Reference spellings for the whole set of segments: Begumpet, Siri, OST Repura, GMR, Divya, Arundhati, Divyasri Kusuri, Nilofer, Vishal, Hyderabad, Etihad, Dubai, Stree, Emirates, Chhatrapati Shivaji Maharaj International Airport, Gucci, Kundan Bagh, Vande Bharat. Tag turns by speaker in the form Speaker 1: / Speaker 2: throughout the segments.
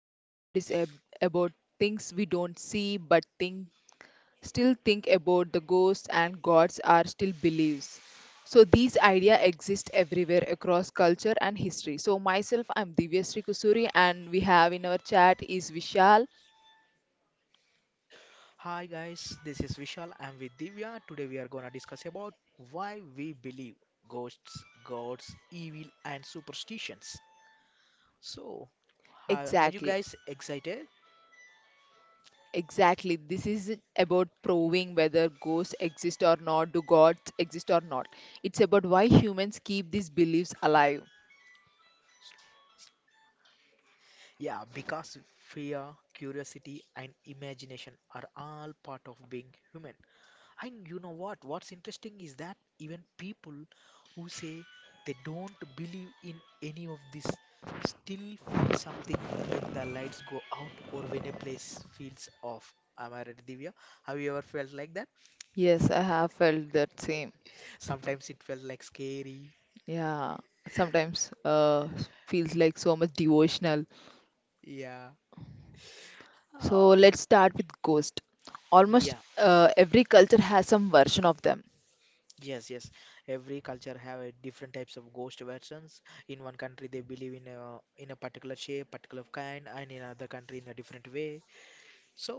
Speaker 1: Today episode is about things we don't see but think still think about the ghosts and gods are still beliefs. So these idea exist everywhere across culture and history. So myself I'm Divyasri Kusuri and we have in our chat is Vishal.
Speaker 2: Hi guys, this is Vishal. I'm with Divya. Today we are gonna discuss about why we believe ghosts, gods, evil, and superstitions. So, are you
Speaker 1: Exactly.
Speaker 2: guys excited?
Speaker 1: Exactly, this is about proving whether ghosts exist or not, do gods exist or not. It's about why humans keep these beliefs alive.
Speaker 2: Yeah, because fear, curiosity, and imagination are all part of being human. And you know what? What's interesting is that even people who say they don't believe in any of this still feel something when the lights go out or when a place feels off. Am I right, Divya? Have you ever felt like that?
Speaker 1: Yes, I have felt that same.
Speaker 2: Sometimes it felt like scary.
Speaker 1: Yeah, sometimes feels like so much devotional.
Speaker 2: Yeah.
Speaker 1: So
Speaker 2: Oh,
Speaker 1: let's start with ghost. Almost
Speaker 2: yeah.
Speaker 1: every culture has some version of them.
Speaker 2: Yes, yes. Every culture have a different types of ghost versions. In one country, they believe in a particular shape, particular kind, and in another country, in a different way. So,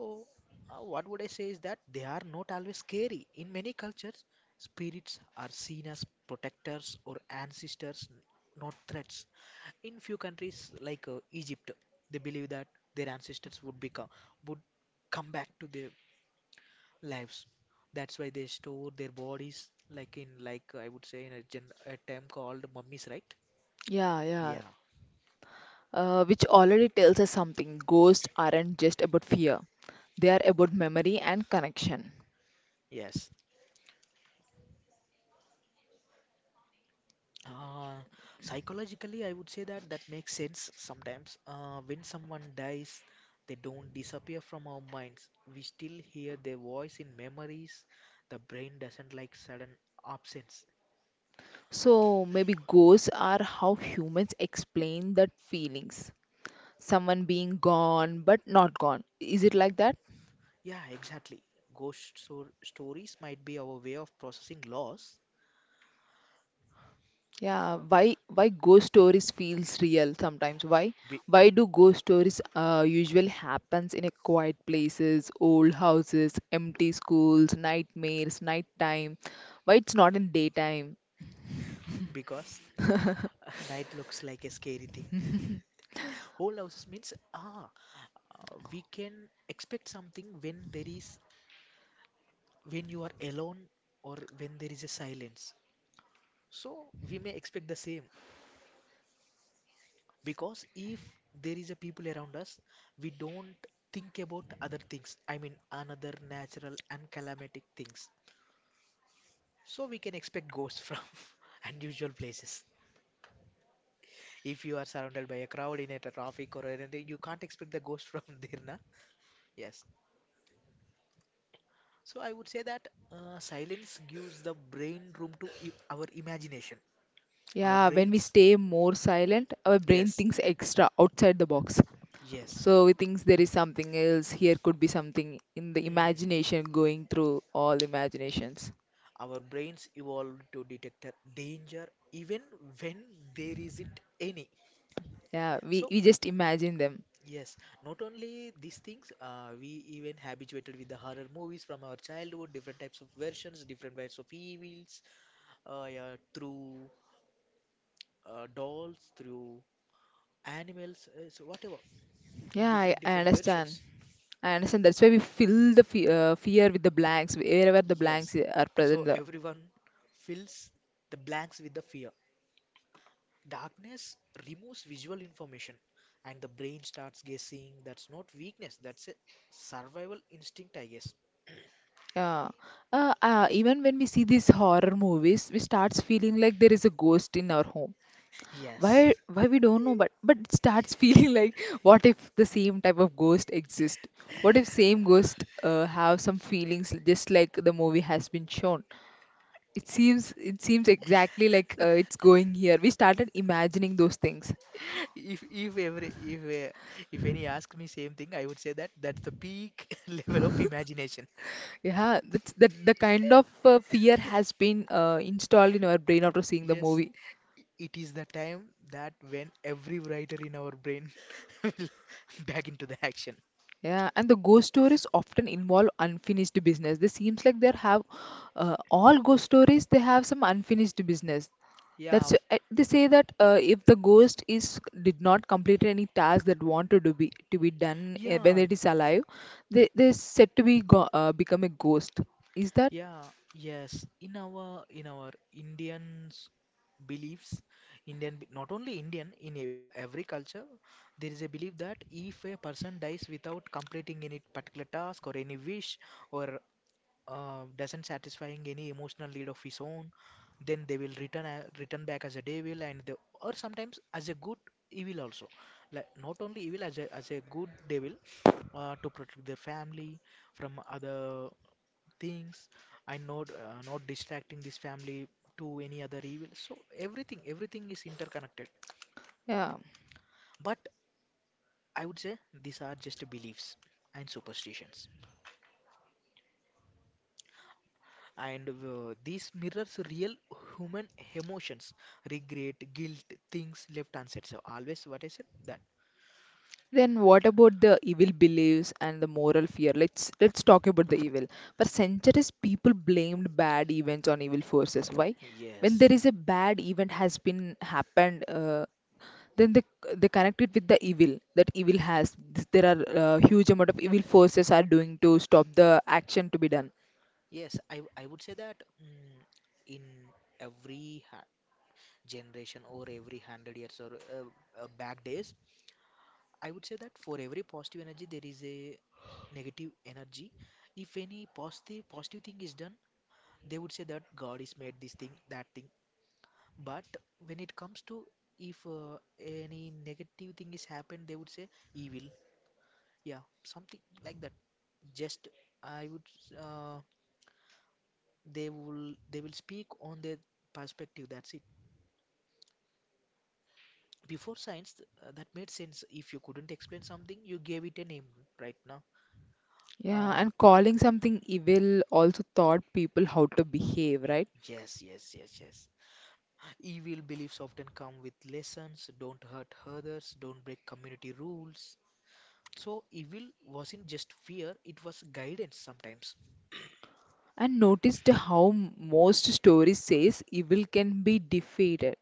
Speaker 2: what would I say is that they are not always scary. In many cultures, spirits are seen as protectors or ancestors, not threats. In few countries like Egypt, they believe that their ancestors would come back to their lives. That's why they store their bodies like in like I would say in a term called mummies, right?
Speaker 1: Yeah, yeah.
Speaker 2: Yeah.
Speaker 1: Which already tells us something. Ghosts aren't just about fear, they are about memory and connection.
Speaker 2: Yes. Uh, psychologically, I would say that makes sense sometimes. When someone dies, they don't disappear from our minds. We still hear their voice in memories. The brain doesn't like sudden absence.
Speaker 1: So maybe ghosts are how humans explain that feelings. Someone being gone but not gone. Is it like that?
Speaker 2: Yeah, exactly. Ghost so stories might be our way of processing loss
Speaker 1: Yeah, why ghost stories feels real sometimes? Why
Speaker 2: be
Speaker 1: why do ghost stories usually happens in a quiet places, old houses, empty schools, nightmares, nighttime? Why it's not in daytime?
Speaker 2: because night looks like a scary thing. Whole houses means we can expect something when there is when you are alone or when there is a silence. So we may expect the same because if there is a people around us, we don't think about other things. I mean, another natural and calamitic things. So we can expect ghosts from unusual places. If you are surrounded by a crowd in a traffic or anything, you can't expect the ghost from there, na? Yes. So I would say that silence gives the brain room to our imagination. Our
Speaker 1: Yeah, when we
Speaker 2: brains,
Speaker 1: stay more silent, our brain
Speaker 2: yes,
Speaker 1: thinks extra outside the box.
Speaker 2: yes.
Speaker 1: So we thinks there is something else. Here could be something in the
Speaker 2: Hmm.
Speaker 1: imagination going through all imaginations.
Speaker 2: Our brains evolved to detect danger even when there isn't any.
Speaker 1: Yeah, we,
Speaker 2: So,
Speaker 1: we just imagine them.
Speaker 2: yes, not only these things, we even habituated with the horror movies from our childhood, different types of versions, different types of evils, yeah, through dolls, through animals, so whatever, in
Speaker 1: Yeah, I,
Speaker 2: different
Speaker 1: I
Speaker 2: different
Speaker 1: understand.
Speaker 2: versions.
Speaker 1: I understand. That's why we fill the fe fear with the blanks wherever the blanks
Speaker 2: Yes,
Speaker 1: are
Speaker 2: so
Speaker 1: present. Uh,
Speaker 2: everyone fills the blanks with the fear. Darkness removes visual information, and the brain starts guessing. That's not weakness, that's a survival instinct, I guess.
Speaker 1: yeah. Even when we see these horror movies, we starts feeling like there is a ghost in our home. Why?
Speaker 2: Yes.
Speaker 1: Why we don't know, but it starts feeling like what if the same type of ghost exists? What if same ghost have some feelings just like the movie has been shown? It seems exactly like it's going here. We started imagining those things.
Speaker 2: If every if any asks me same thing, I would say that that's the peak level of imagination.
Speaker 1: Yeah, that's that the kind of fear has been installed in our brain after seeing the
Speaker 2: Yes,
Speaker 1: movie.
Speaker 2: it is the time that when every writer in our brain will back into the action.
Speaker 1: Yeah, and the ghost stories often involve unfinished business. This seems like they have all ghost stories. They have some unfinished business.
Speaker 2: Yeah,
Speaker 1: That's they say that if the ghost is did not complete any task that wanted to be done when
Speaker 2: yeah,
Speaker 1: it is alive, they said to become a ghost. Is that?
Speaker 2: yeah, yes. In our Indians beliefs, not only Indian in every culture, there is a belief that if a person dies without completing any particular task or any wish or doesn't satisfying any emotional need of his own, then they will return back as a devil and they, or sometimes as a good evil also. Like not only evil as a good devil to protect their family from other things and not distracting this family to any other evil. So everything is interconnected.
Speaker 1: Yeah.
Speaker 2: But I would say these are just beliefs and superstitions. And these mirrors real human emotions, regret, guilt, things left unsaid. So always what I said that.
Speaker 1: Then what about the evil beliefs and the moral fear? Let's talk about the evil. For centuries, people blamed bad events on evil forces. Why? When
Speaker 2: Yes,
Speaker 1: there is a bad event has been happened, then they connect it with the evil. That evil has there are huge amount of evil forces are doing to stop the action to be done.
Speaker 2: yes, I would say that in every ha generation or every 100 years or uh, back days, I would say that for every positive energy, there is a negative energy. If any positive thing is done, they would say that God is made this thing, that thing. But when it comes to if any negative thing is happened, they would say evil. Yeah, something like that. Just I would uh, they will speak on their perspective. That's it. Before science, that made sense. If you couldn't explain something, you gave it a name. Right now,
Speaker 1: Yeah,
Speaker 2: uh,
Speaker 1: and calling something evil also taught people how to behave, right?
Speaker 2: yes, yes, yes, yes. Evil beliefs often come with lessons, don't hurt others, don't break community rules. So, evil wasn't just fear, it was guidance sometimes.
Speaker 1: And noticed how most stories says evil can be defeated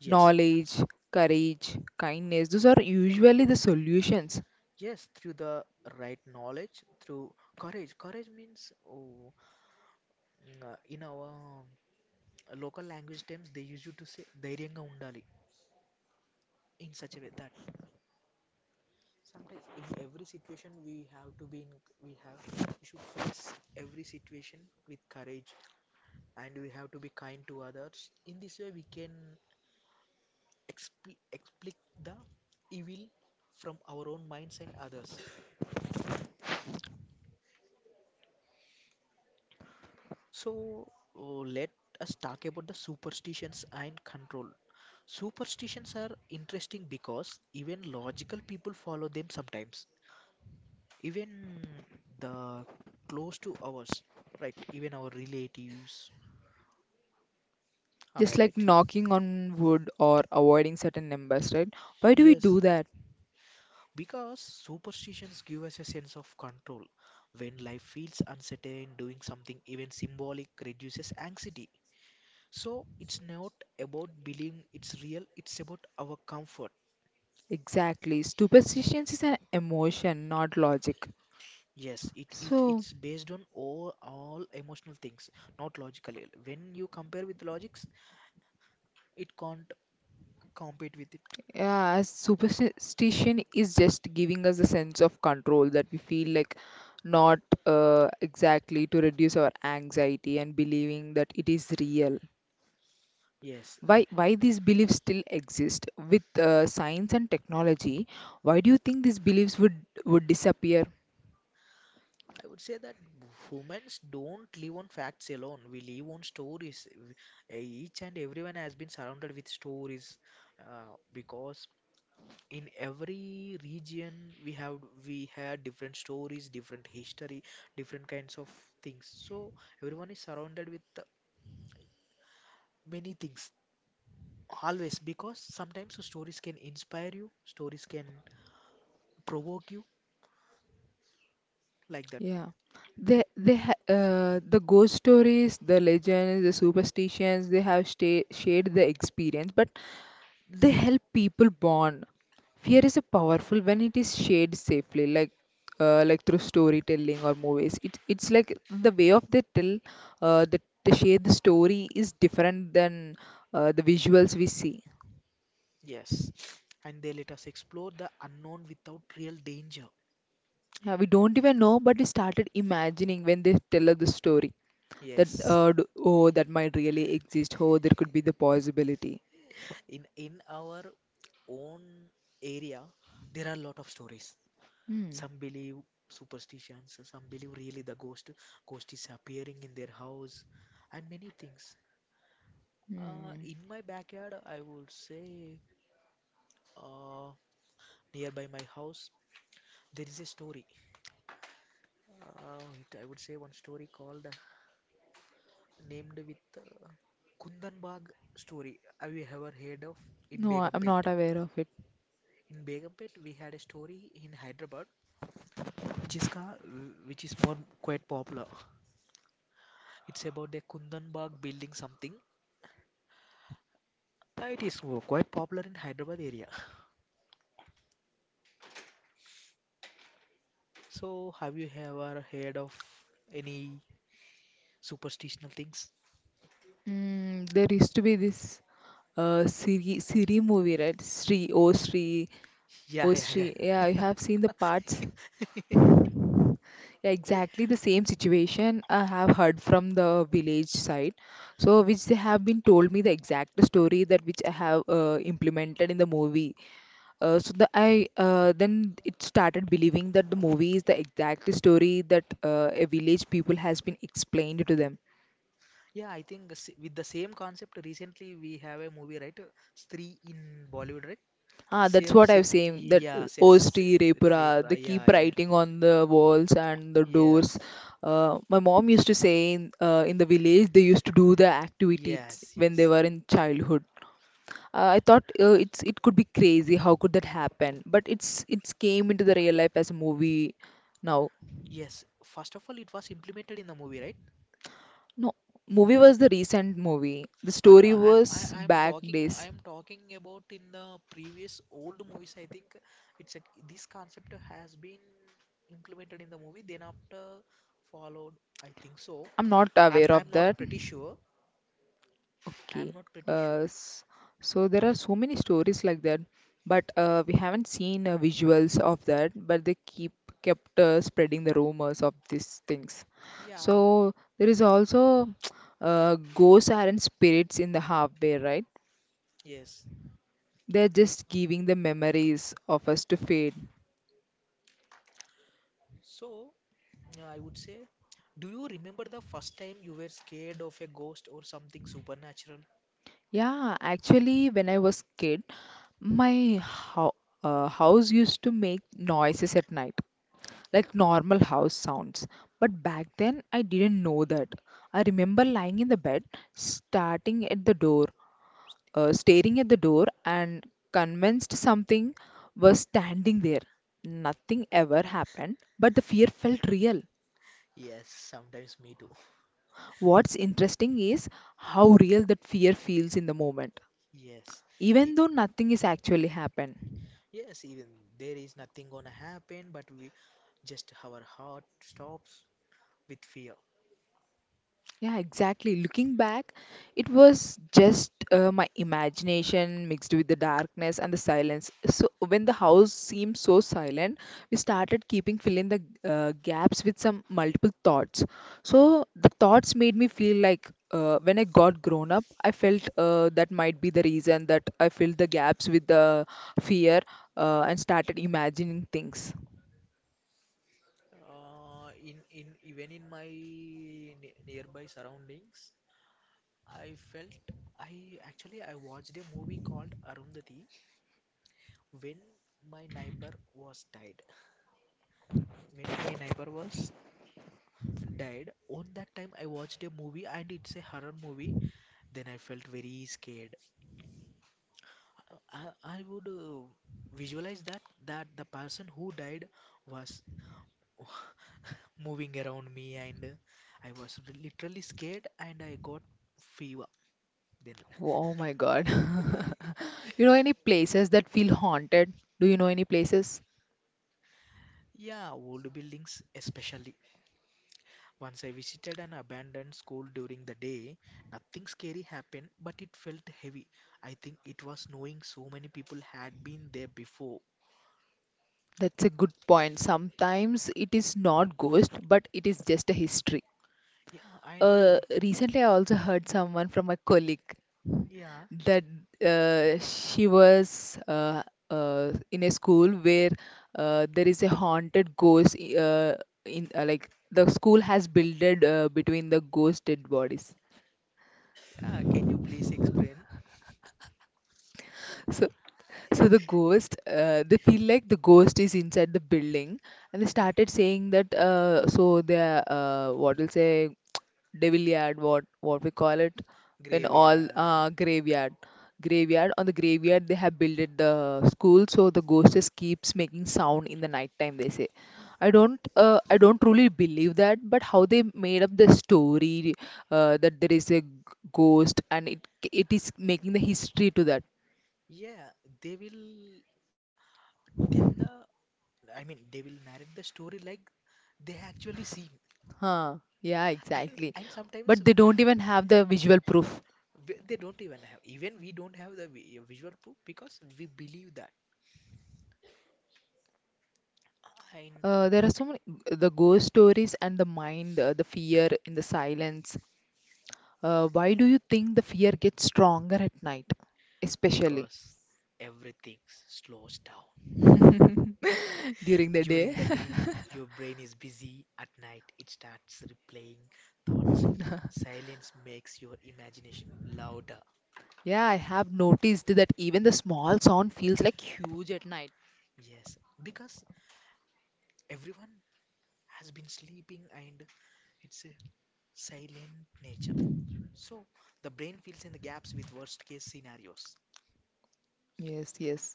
Speaker 2: Yes,
Speaker 1: knowledge, courage, kindness. Those are usually the solutions.
Speaker 2: yes, through the right knowledge, through courage. Courage means, oh, in our local language terms, they use you to say, dhairyanga undali. In such a way that sometimes in every situation we have to be in, we should face every situation with courage and we have to be kind to others. In this way, we can explic the evil from our own minds and others. So, oh, let us talk about the superstitions and control. Superstitions are interesting because even logical people follow them sometimes. Even the close to ours, right? Even our relatives. Am I
Speaker 1: Just like
Speaker 2: right?
Speaker 1: knocking on wood or avoiding certain numbers, right? Why do we
Speaker 2: Yes,
Speaker 1: do that?
Speaker 2: because superstitions give us a sense of control. When life feels uncertain, doing something even symbolic reduces anxiety. So it's not about believing it's real, it's about our comfort.
Speaker 1: Exactly. Superstitions is an emotion, not logic.
Speaker 2: Yes, it, it
Speaker 1: So,
Speaker 2: it's based on all emotional things, not logically. When you compare with logics, it can't compete with it.
Speaker 1: yeah, as superstition is just giving us a sense of control that we feel like not exactly to reduce our anxiety and believing that it is real.
Speaker 2: Yes,
Speaker 1: Why these beliefs still exist with science and technology? Why do you think these beliefs would disappear?
Speaker 2: I would say that humans don't live on facts alone. We live on stories. Each and everyone has been surrounded with stories, because in every region we have we had different stories, different history, different kinds of things. So everyone is surrounded with many things always, because sometimes the stories can inspire you, stories can provoke you like that.
Speaker 1: Yeah, the ghost stories, the legends, the superstitions they have sta shared the experience, but they help people bond. Fear is a powerful when it is shared safely, like through storytelling or movies. It it's like the way of they tell the to share the story is different than the visuals we see.
Speaker 2: Yes, and they let us explore the unknown without real danger.
Speaker 1: Yeah, we don't even know, but we started imagining when they tell us the story that
Speaker 2: Yes.
Speaker 1: oh, that might really exist. Oh, there could be the possibility.
Speaker 2: In our own area, there are a lot of stories.
Speaker 1: Hmm.
Speaker 2: Some believe superstitions, some believe really the ghost is appearing in their house and many things.
Speaker 1: Hmm.
Speaker 2: In my backyard, I would say, uh, nearby my house, there is a story, I would say, one story called, named with Kundanbag story. Have you ever heard of, in
Speaker 1: No, I'm not
Speaker 2: Begumpet?
Speaker 1: aware of it.
Speaker 2: In Begumpet, we had a story in Hyderabad, which is which is more quite popular. It's about the Kundan Bagh building something. It is quite popular in Hyderabad area. So have you ever heard of any superstitional things?
Speaker 1: Mm, there used to be this uh, Siri movie, right? Oh Sri,
Speaker 2: Yeah,
Speaker 1: oh
Speaker 2: yeah, yeah.
Speaker 1: Sri. Yeah, you have seen the parts. Yeah, exactly the same situation I have heard from the village side. So, which they have been told me the exact story that which I have implemented in the movie. Then it started believing that the movie is the exact story that a village people has been explained to them.
Speaker 2: Yeah, I think the with the same concept recently we have a movie, right, Stree in Bollywood, right?
Speaker 1: Ah, that's
Speaker 2: Same,
Speaker 1: what
Speaker 2: same,
Speaker 1: I've seen. That
Speaker 2: yeah, same, same,
Speaker 1: OST
Speaker 2: same, rape,
Speaker 1: Repura, they
Speaker 2: right? Yeah,
Speaker 1: keep
Speaker 2: yeah, yeah.
Speaker 1: writing on the walls and the doors.
Speaker 2: Yes,
Speaker 1: My mom used to say in the village they used to do the activities
Speaker 2: yes,
Speaker 1: when they
Speaker 2: yes.
Speaker 1: were in childhood. I thought it's it could be crazy. How could that happen? But it's came into the real life as a movie now.
Speaker 2: Yes, first of all, it was implemented in the movie, right?
Speaker 1: No, movie was the recent movie. The
Speaker 2: Ah,
Speaker 1: story
Speaker 2: no, I, I,
Speaker 1: was
Speaker 2: I'm
Speaker 1: back
Speaker 2: talking,
Speaker 1: days.
Speaker 2: I'm talking about in the previous old movies. I think it's a, this concept has been implemented in the movie, then after followed. I think so.
Speaker 1: I'm not
Speaker 2: I'm,
Speaker 1: aware of
Speaker 2: I'm not
Speaker 1: that.
Speaker 2: pretty sure. I'm
Speaker 1: Okay.
Speaker 2: not pretty
Speaker 1: Uh,
Speaker 2: sure.
Speaker 1: s- so there are so many stories like that, but we haven't seen visuals of that, but they keep kept spreading the rumors of these things.
Speaker 2: Yeah,
Speaker 1: So there is also ghosts aren't spirits in the hardware, right?
Speaker 2: yes.
Speaker 1: They're just giving the memories of us to fade.
Speaker 2: So, yeah, I would say, do you remember the first time you were scared of a ghost or something supernatural?
Speaker 1: Yeah, actually, when I was kid, my ho house used to make noises at night, like normal house sounds. But back then, I didn't know that. I remember lying in the bed, starting at the door, staring at the door, and convinced something was standing there. Nothing ever happened, but the fear felt real.
Speaker 2: Yes, sometimes me too.
Speaker 1: What's interesting is how real that fear feels in the moment,
Speaker 2: Yes. I
Speaker 1: even though nothing is actually happened.
Speaker 2: Yes, even there is nothing gonna happen, but we just our heart stops with fear.
Speaker 1: Yeah, exactly. Looking back, it was just my imagination mixed with the darkness and the silence. So when the house seemed so silent, we started keeping filling the gaps with some multiple thoughts. So the thoughts made me feel like when I got grown up, I felt that might be the reason that I filled the gaps with the fear and started imagining things.
Speaker 2: In even in my ne nearby surroundings, I felt, I watched a movie called Arundhati when my neighbor was died. When my neighbor was died, on that time I watched a movie, and it's a horror movie. Then I felt very scared. I I I would visualize that the person who died was moving around me, and I was literally scared, and I got fever then.
Speaker 1: Oh my God. You know any places that feel haunted? Do you know any places?
Speaker 2: Yeah, old buildings especially. Once I visited an abandoned school during the day, nothing scary happened, but it felt heavy. I think it was knowing so many people had been there before.
Speaker 1: That's a good point. Sometimes it is not ghost, but it is just a history.
Speaker 2: Yeah, and
Speaker 1: Recently, I also heard someone from my colleague
Speaker 2: yeah.
Speaker 1: that she was in a school where there is a haunted ghost. In like the school has builded between the ghost dead bodies.
Speaker 2: Yeah, can you please explain?
Speaker 1: So, so, the ghost, they feel like the ghost is inside the building, and they
Speaker 2: Mm,
Speaker 1: started saying that. What will say, devilyard, what we call it, when all
Speaker 2: graveyard.
Speaker 1: graveyard, on the graveyard they have builded the school, so the ghost just keeps making sound in the night time. They say, I don't truly believe that, but how they made up the story that there is a ghost and it is making the history to that.
Speaker 2: Yeah, they will tell the, I mean, they will narrate the story like they actually see.
Speaker 1: Huh. Yeah,
Speaker 2: and
Speaker 1: exactly.
Speaker 2: and sometimes,
Speaker 1: But they don't even have the visual proof.
Speaker 2: w- they don't even have even we don't have the visual proof, because we believe that. And
Speaker 1: There are so many the ghost stories and the mind, the fear in the silence. Why do you think the fear gets stronger at night, especially
Speaker 2: because everything slows down
Speaker 1: during the day?
Speaker 2: during the day, your brain is busy. At night it starts replaying thoughts. Silence makes your imagination louder.
Speaker 1: Yeah, I have noticed that even the small sound feels like huge at night.
Speaker 2: Yes, because everyone has been sleeping and it's a silent nature, so the brain fills in the gaps with worst case scenarios.
Speaker 1: Yes, yes.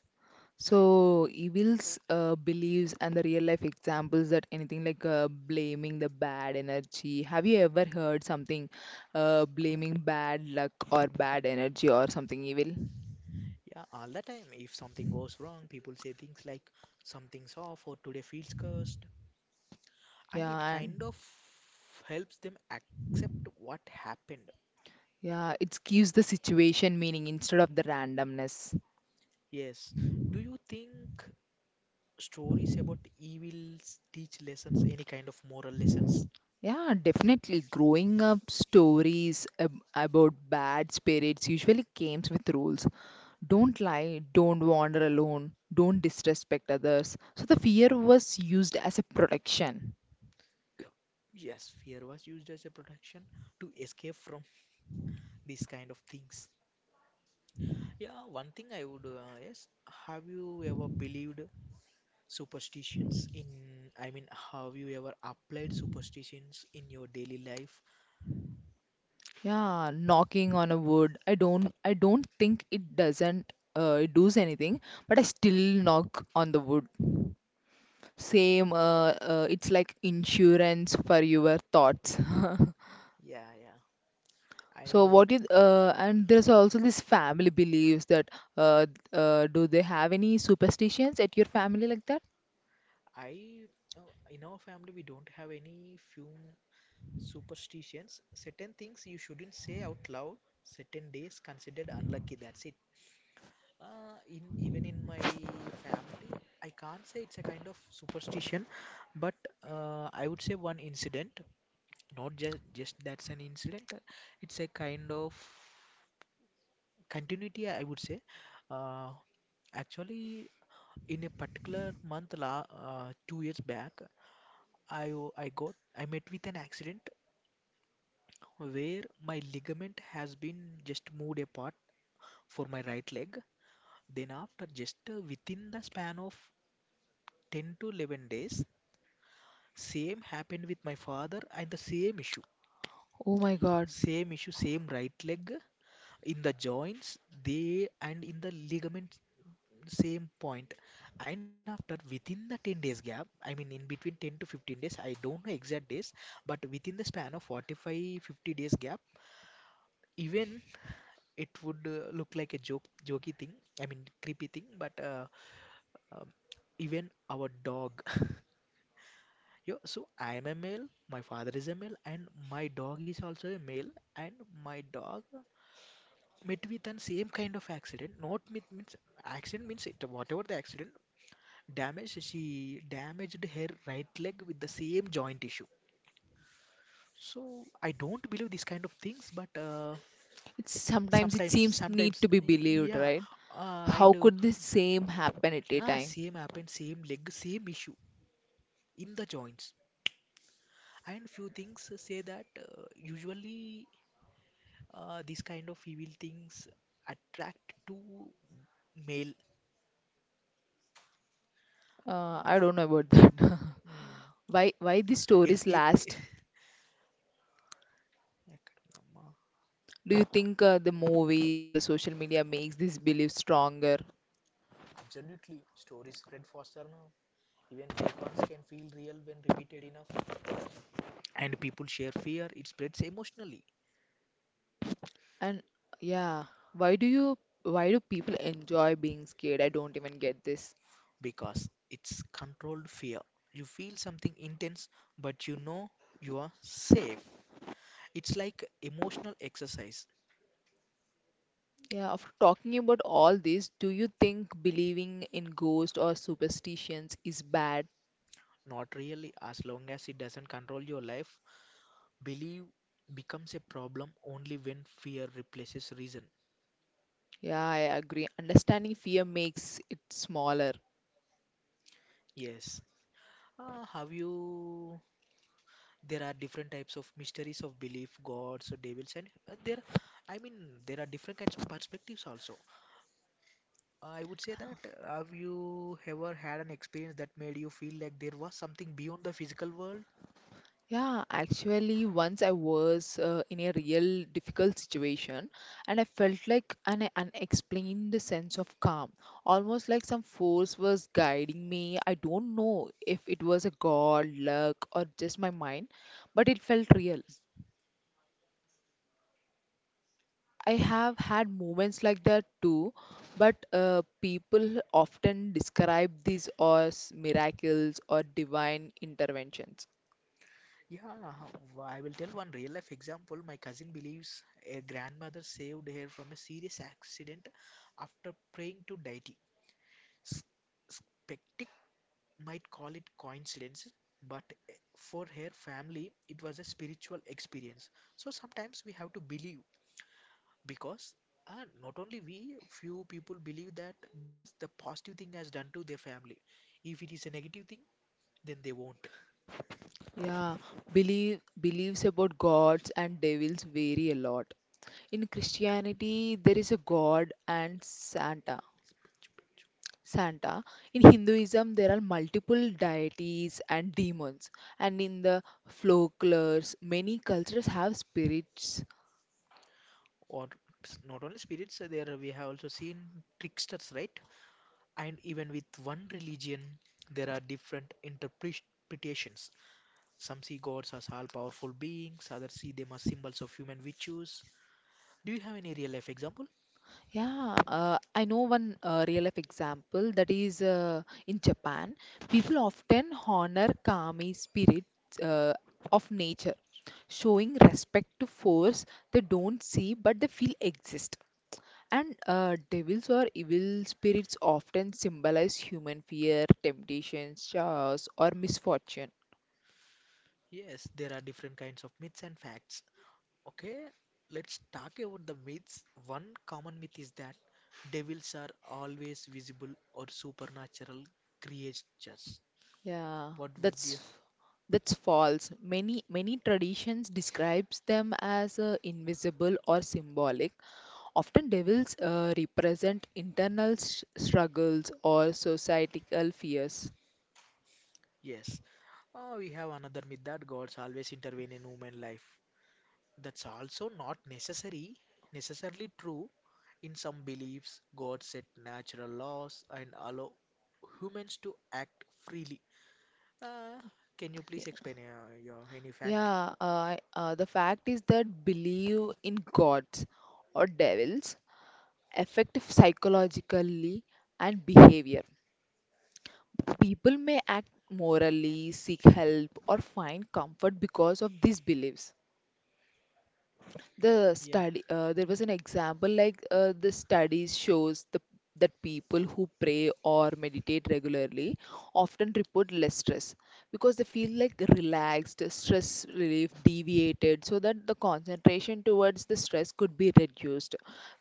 Speaker 1: So evils, beliefs, and the real life examples that anything like blaming the bad energy. Have you ever heard something blaming bad luck or bad energy or something evil?
Speaker 2: Yeah, all the time. If something goes wrong, people say things like, something's off, or today feels cursed, and it
Speaker 1: Yeah, and
Speaker 2: kind of helps them accept what happened.
Speaker 1: yeah, it gives the situation meaning instead of the randomness.
Speaker 2: Yes. Do you think stories about evils teach lessons, any kind of moral lessons?
Speaker 1: Yeah, definitely. Growing up, stories about bad spirits usually came with rules. Don't lie, don't wander alone, don't disrespect others. So the fear was used as a protection.
Speaker 2: Yes, fear was used as a protection to escape from these kind of things. Yeah, one thing I would, yes, have you ever believed superstitions in, I mean, have you ever applied superstitions in your daily life?
Speaker 1: Yeah, knocking on a wood. I don't think it doesn't it does anything, but I still knock on the wood. Same, it's like insurance for your thoughts.
Speaker 2: Yeah, yeah.
Speaker 1: So
Speaker 2: And
Speaker 1: what is and there's also this family beliefs that uh, do they have any superstitions at your family like that?
Speaker 2: I, in our family, we don't have any few superstitions. Certain things you shouldn't say out loud. Certain days considered unlucky. That's it. In Even in my family, I can't say it's a kind of superstition, but I would say one incident. Not just that's an incident. It's a kind of continuity, I would say. Uh, actually, in a particular month, la 2 years back, I o- I got I met with an accident where my ligament has been just moved apart for my right leg. Then after just within the span of 10 to 11 days, same happened with my father and the same issue.
Speaker 1: Oh my God.
Speaker 2: Same issue, same right leg in the joints, they and in the ligaments. Same point. And then after within the 10 days gap, I mean in between 10 to 15 days, I don't know exact days, but within the span of 45, 50 days gap. Even it would look like a jokey thing, I mean creepy thing, but um, even our dog yo, so I am a male, my father is a male, and my dog is also a male. And my dog met with the same kind of accident, not with means accident means it whatever the accident. Damaged, she damaged her right leg with the same joint issue. So I don't believe these kind of things, but
Speaker 1: It's, sometimes it
Speaker 2: sometimes,
Speaker 1: seems need to
Speaker 2: sometimes,
Speaker 1: be believed,
Speaker 2: yeah,
Speaker 1: right?
Speaker 2: and
Speaker 1: How could this same happen at a
Speaker 2: yeah,
Speaker 1: time?
Speaker 2: same happened, same leg, same issue in the joints. And few things say that usually these kind of evil things attract to male. Uh,
Speaker 1: I
Speaker 2: f-
Speaker 1: don't know about that.
Speaker 2: mm,
Speaker 1: Why these
Speaker 2: ir-
Speaker 1: stories
Speaker 2: ir-
Speaker 1: last? Do you think the movies and the social media makes this belief stronger?
Speaker 2: Absolutely, stories spread faster now. Even fake ones can feel real when repeated enough. And people share fear, it spreads emotionally
Speaker 1: And yeah, why do people enjoy being scared? I don't even get this.
Speaker 2: because it's controlled fear. You feel something intense, but you know you are safe. It's like emotional exercise.
Speaker 1: Yeah, after talking about all this, do you think believing in ghosts or superstitions is bad?
Speaker 2: Not really, as long as it doesn't control your life, belief becomes a problem only when fear replaces reason.
Speaker 1: Yeah, I agree. Understanding fear makes it smaller.
Speaker 2: Yes. Have you There are different types of mysteries of belief, gods, devils, and there I mean there are different kinds of perspectives also. I would say that Have you ever had an experience that made you feel like there was something beyond the physical world?
Speaker 1: Yeah, actually, once I was in a real difficult situation and I felt like an unexplained sense of calm, almost like some force was guiding me. I don't know if it was a god, luck, or just my mind, but it felt real. I have had moments like that too, but people often describe these as miracles or divine interventions.
Speaker 2: Yeah, I will tell one real life example. My cousin believes a grandmother saved her from a serious accident after praying to deity. S- might call it coincidence, but for her family, it was a spiritual experience. So sometimes we have to believe because not only we, few people believe that because the positive thing has done to their family. If it is a negative thing, then they won't.
Speaker 1: Yeah, beliefs about gods and devils vary a lot. In Christianity, there is a god and Santa. Santa. In Hinduism, there are multiple deities and demons. And in the folklores, many cultures have spirits.
Speaker 2: Or not only spirits, there we have also seen tricksters, right? And even with one religion, there are different interpretations. Some see gods as all powerful beings, others see them as symbols of human virtues. Do you have any real life example?
Speaker 1: Yeah, I know one real life example, that is, in Japan, people often honor kami spirits of nature, showing respect to force they don't see but they feel exist. And devils or evil spirits often symbolize human fear, temptations, chaos, or misfortune.
Speaker 2: Yes, there are different kinds of myths and facts. Okay, let's talk about the myths. One common myth is that devils are always visible or supernatural creatures.
Speaker 1: Yeah,
Speaker 2: What would you?
Speaker 1: that's that's false. Many traditions describes them as invisible or symbolic. Often devils represent internal struggles or societal fears.
Speaker 2: Yes. Oh, we have another myth that gods always intervene in human life. That's also not necessary necessarily true. In some beliefs, God set natural laws and allow humans to act freely. Uh, can you
Speaker 1: Y-
Speaker 2: please explain your any fact?
Speaker 1: Yeah, the fact is that belief in gods or devils affect psychologically and behavior. People may act morally, seek help, or find comfort because of these beliefs.
Speaker 2: Yeah,
Speaker 1: There was an example like, the studies shows that people who pray or meditate regularly often report less stress because they feel like relaxed, stress relief deviated so that the concentration towards the stress could be reduced,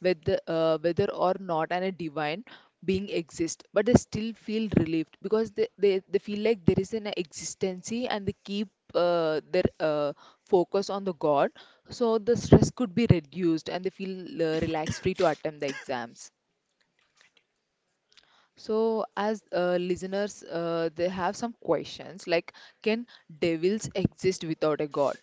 Speaker 1: whether whether or not and a divine being exist, but they still feel relieved because they feel like there is an existency and they keep their focus on the god, so the stress could be reduced and they feel relaxed, free to attempt the exams. So as listeners, they have some questions like, can devils exist without a god?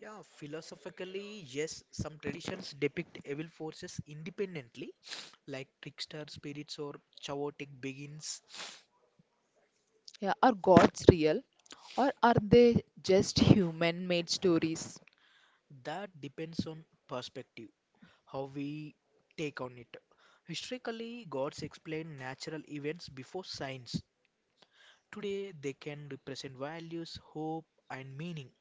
Speaker 2: yeah. Philosophically, yes, some traditions depict evil forces independently, like trickster spirits or chaotic beings.
Speaker 1: Yeah, are gods real or are they just human made stories?
Speaker 2: That depends on perspective. How we take on it. Historically, gods explain natural events before science. Today, they can represent values, hope, and meaning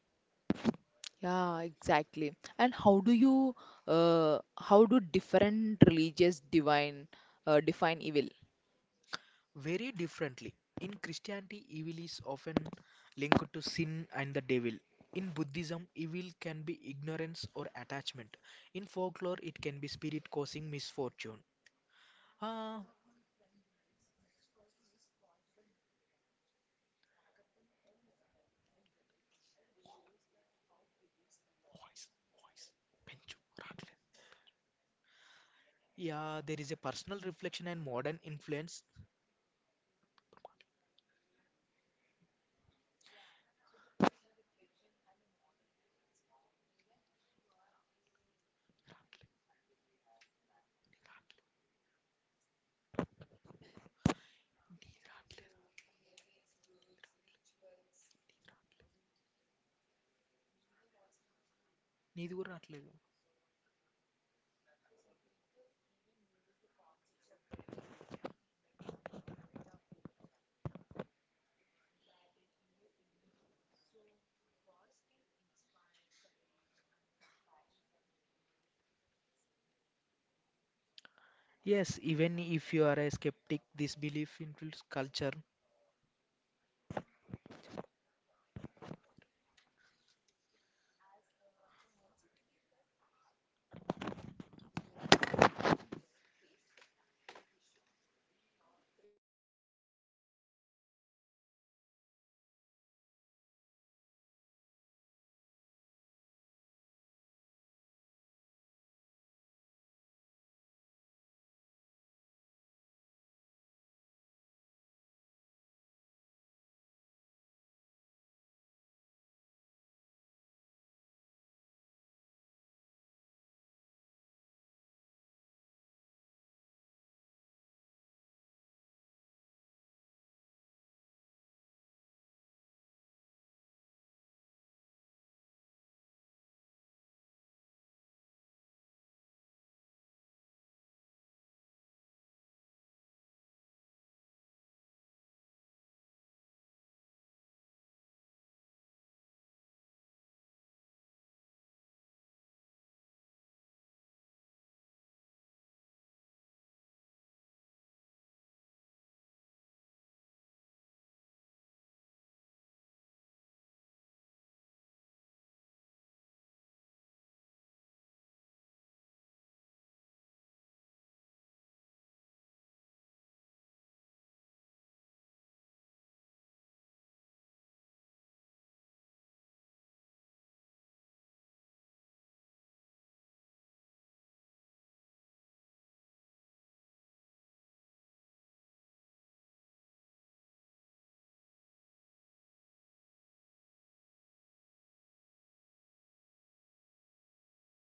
Speaker 1: Yeah, exactly. And how do you, how do different religious divine, define evil?
Speaker 2: very differently. In Christianity, evil is often linked to sin and the devil. In Buddhism, evil can be ignorance or attachment. In folklore, it can be spirit causing misfortune.
Speaker 1: Yeah,
Speaker 2: Ah,
Speaker 1: one of my friend believes misfortune is caused by negative energy rather than a literal devil, but it shows that how beliefs evolve.
Speaker 2: voice, voice, పెంచు, రాట్లేదు. Yeah, there is a personal reflection and modern influence.
Speaker 1: What? Yeah, so the personal reflection and the modern influence. Even if you are a, so the movies, books, rituals.
Speaker 2: నీది కూడా రాట్లేదు.
Speaker 1: So some people even uses the concepts of devils, meta, metaphor, and battle in your inner demons. So, the ghost can inspire courage and compassion and home in the difficulties.
Speaker 2: Yes, even if you are a skeptic, this belief influences culture.
Speaker 1: So, as I also believe that someone I know faced a tough health issue and they prayed daily and not necessary, but they started expecting a miracle. But it gave them the strength and a positive outlook. So, as we know, the God can inspire and courage and compassion or hope in difficult times. How do you think that, the exactly these horror movies and stories and religious rituals all keep the idea of God? Some people even uses this concept of devil metaphorism, like battling the inner demons. Do they really feel like a friend? Also my friend, of one of my friend also believes that misfortune is caused by negative energy rather than a literal devil. It shows how the beliefs are evolved, right? As we are unable to connect Vishal to the end, so as we personally got to know that whether you believe the literal God and devil, so seeing them as a symbol, their impact on humans' life is undeniable, as they shape the morality, culture, and psychology and help people navigate uncertainly.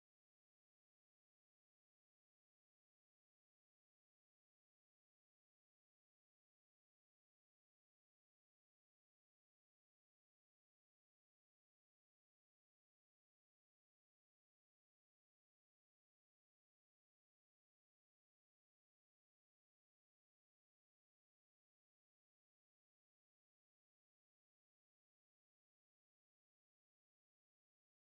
Speaker 1: So thanks for joining Vishal and thanks for all the listeners keeping exploring your beliefs and stay curious about the unseen. So as Vishal is unable to say goodbye, on behalf of Vishal, I'm saying you thank you for all the audience who are listening out there, and thank you for listening this episode, and until then, see you in the next episode and keep listening and keep continuing our episode. Thank you.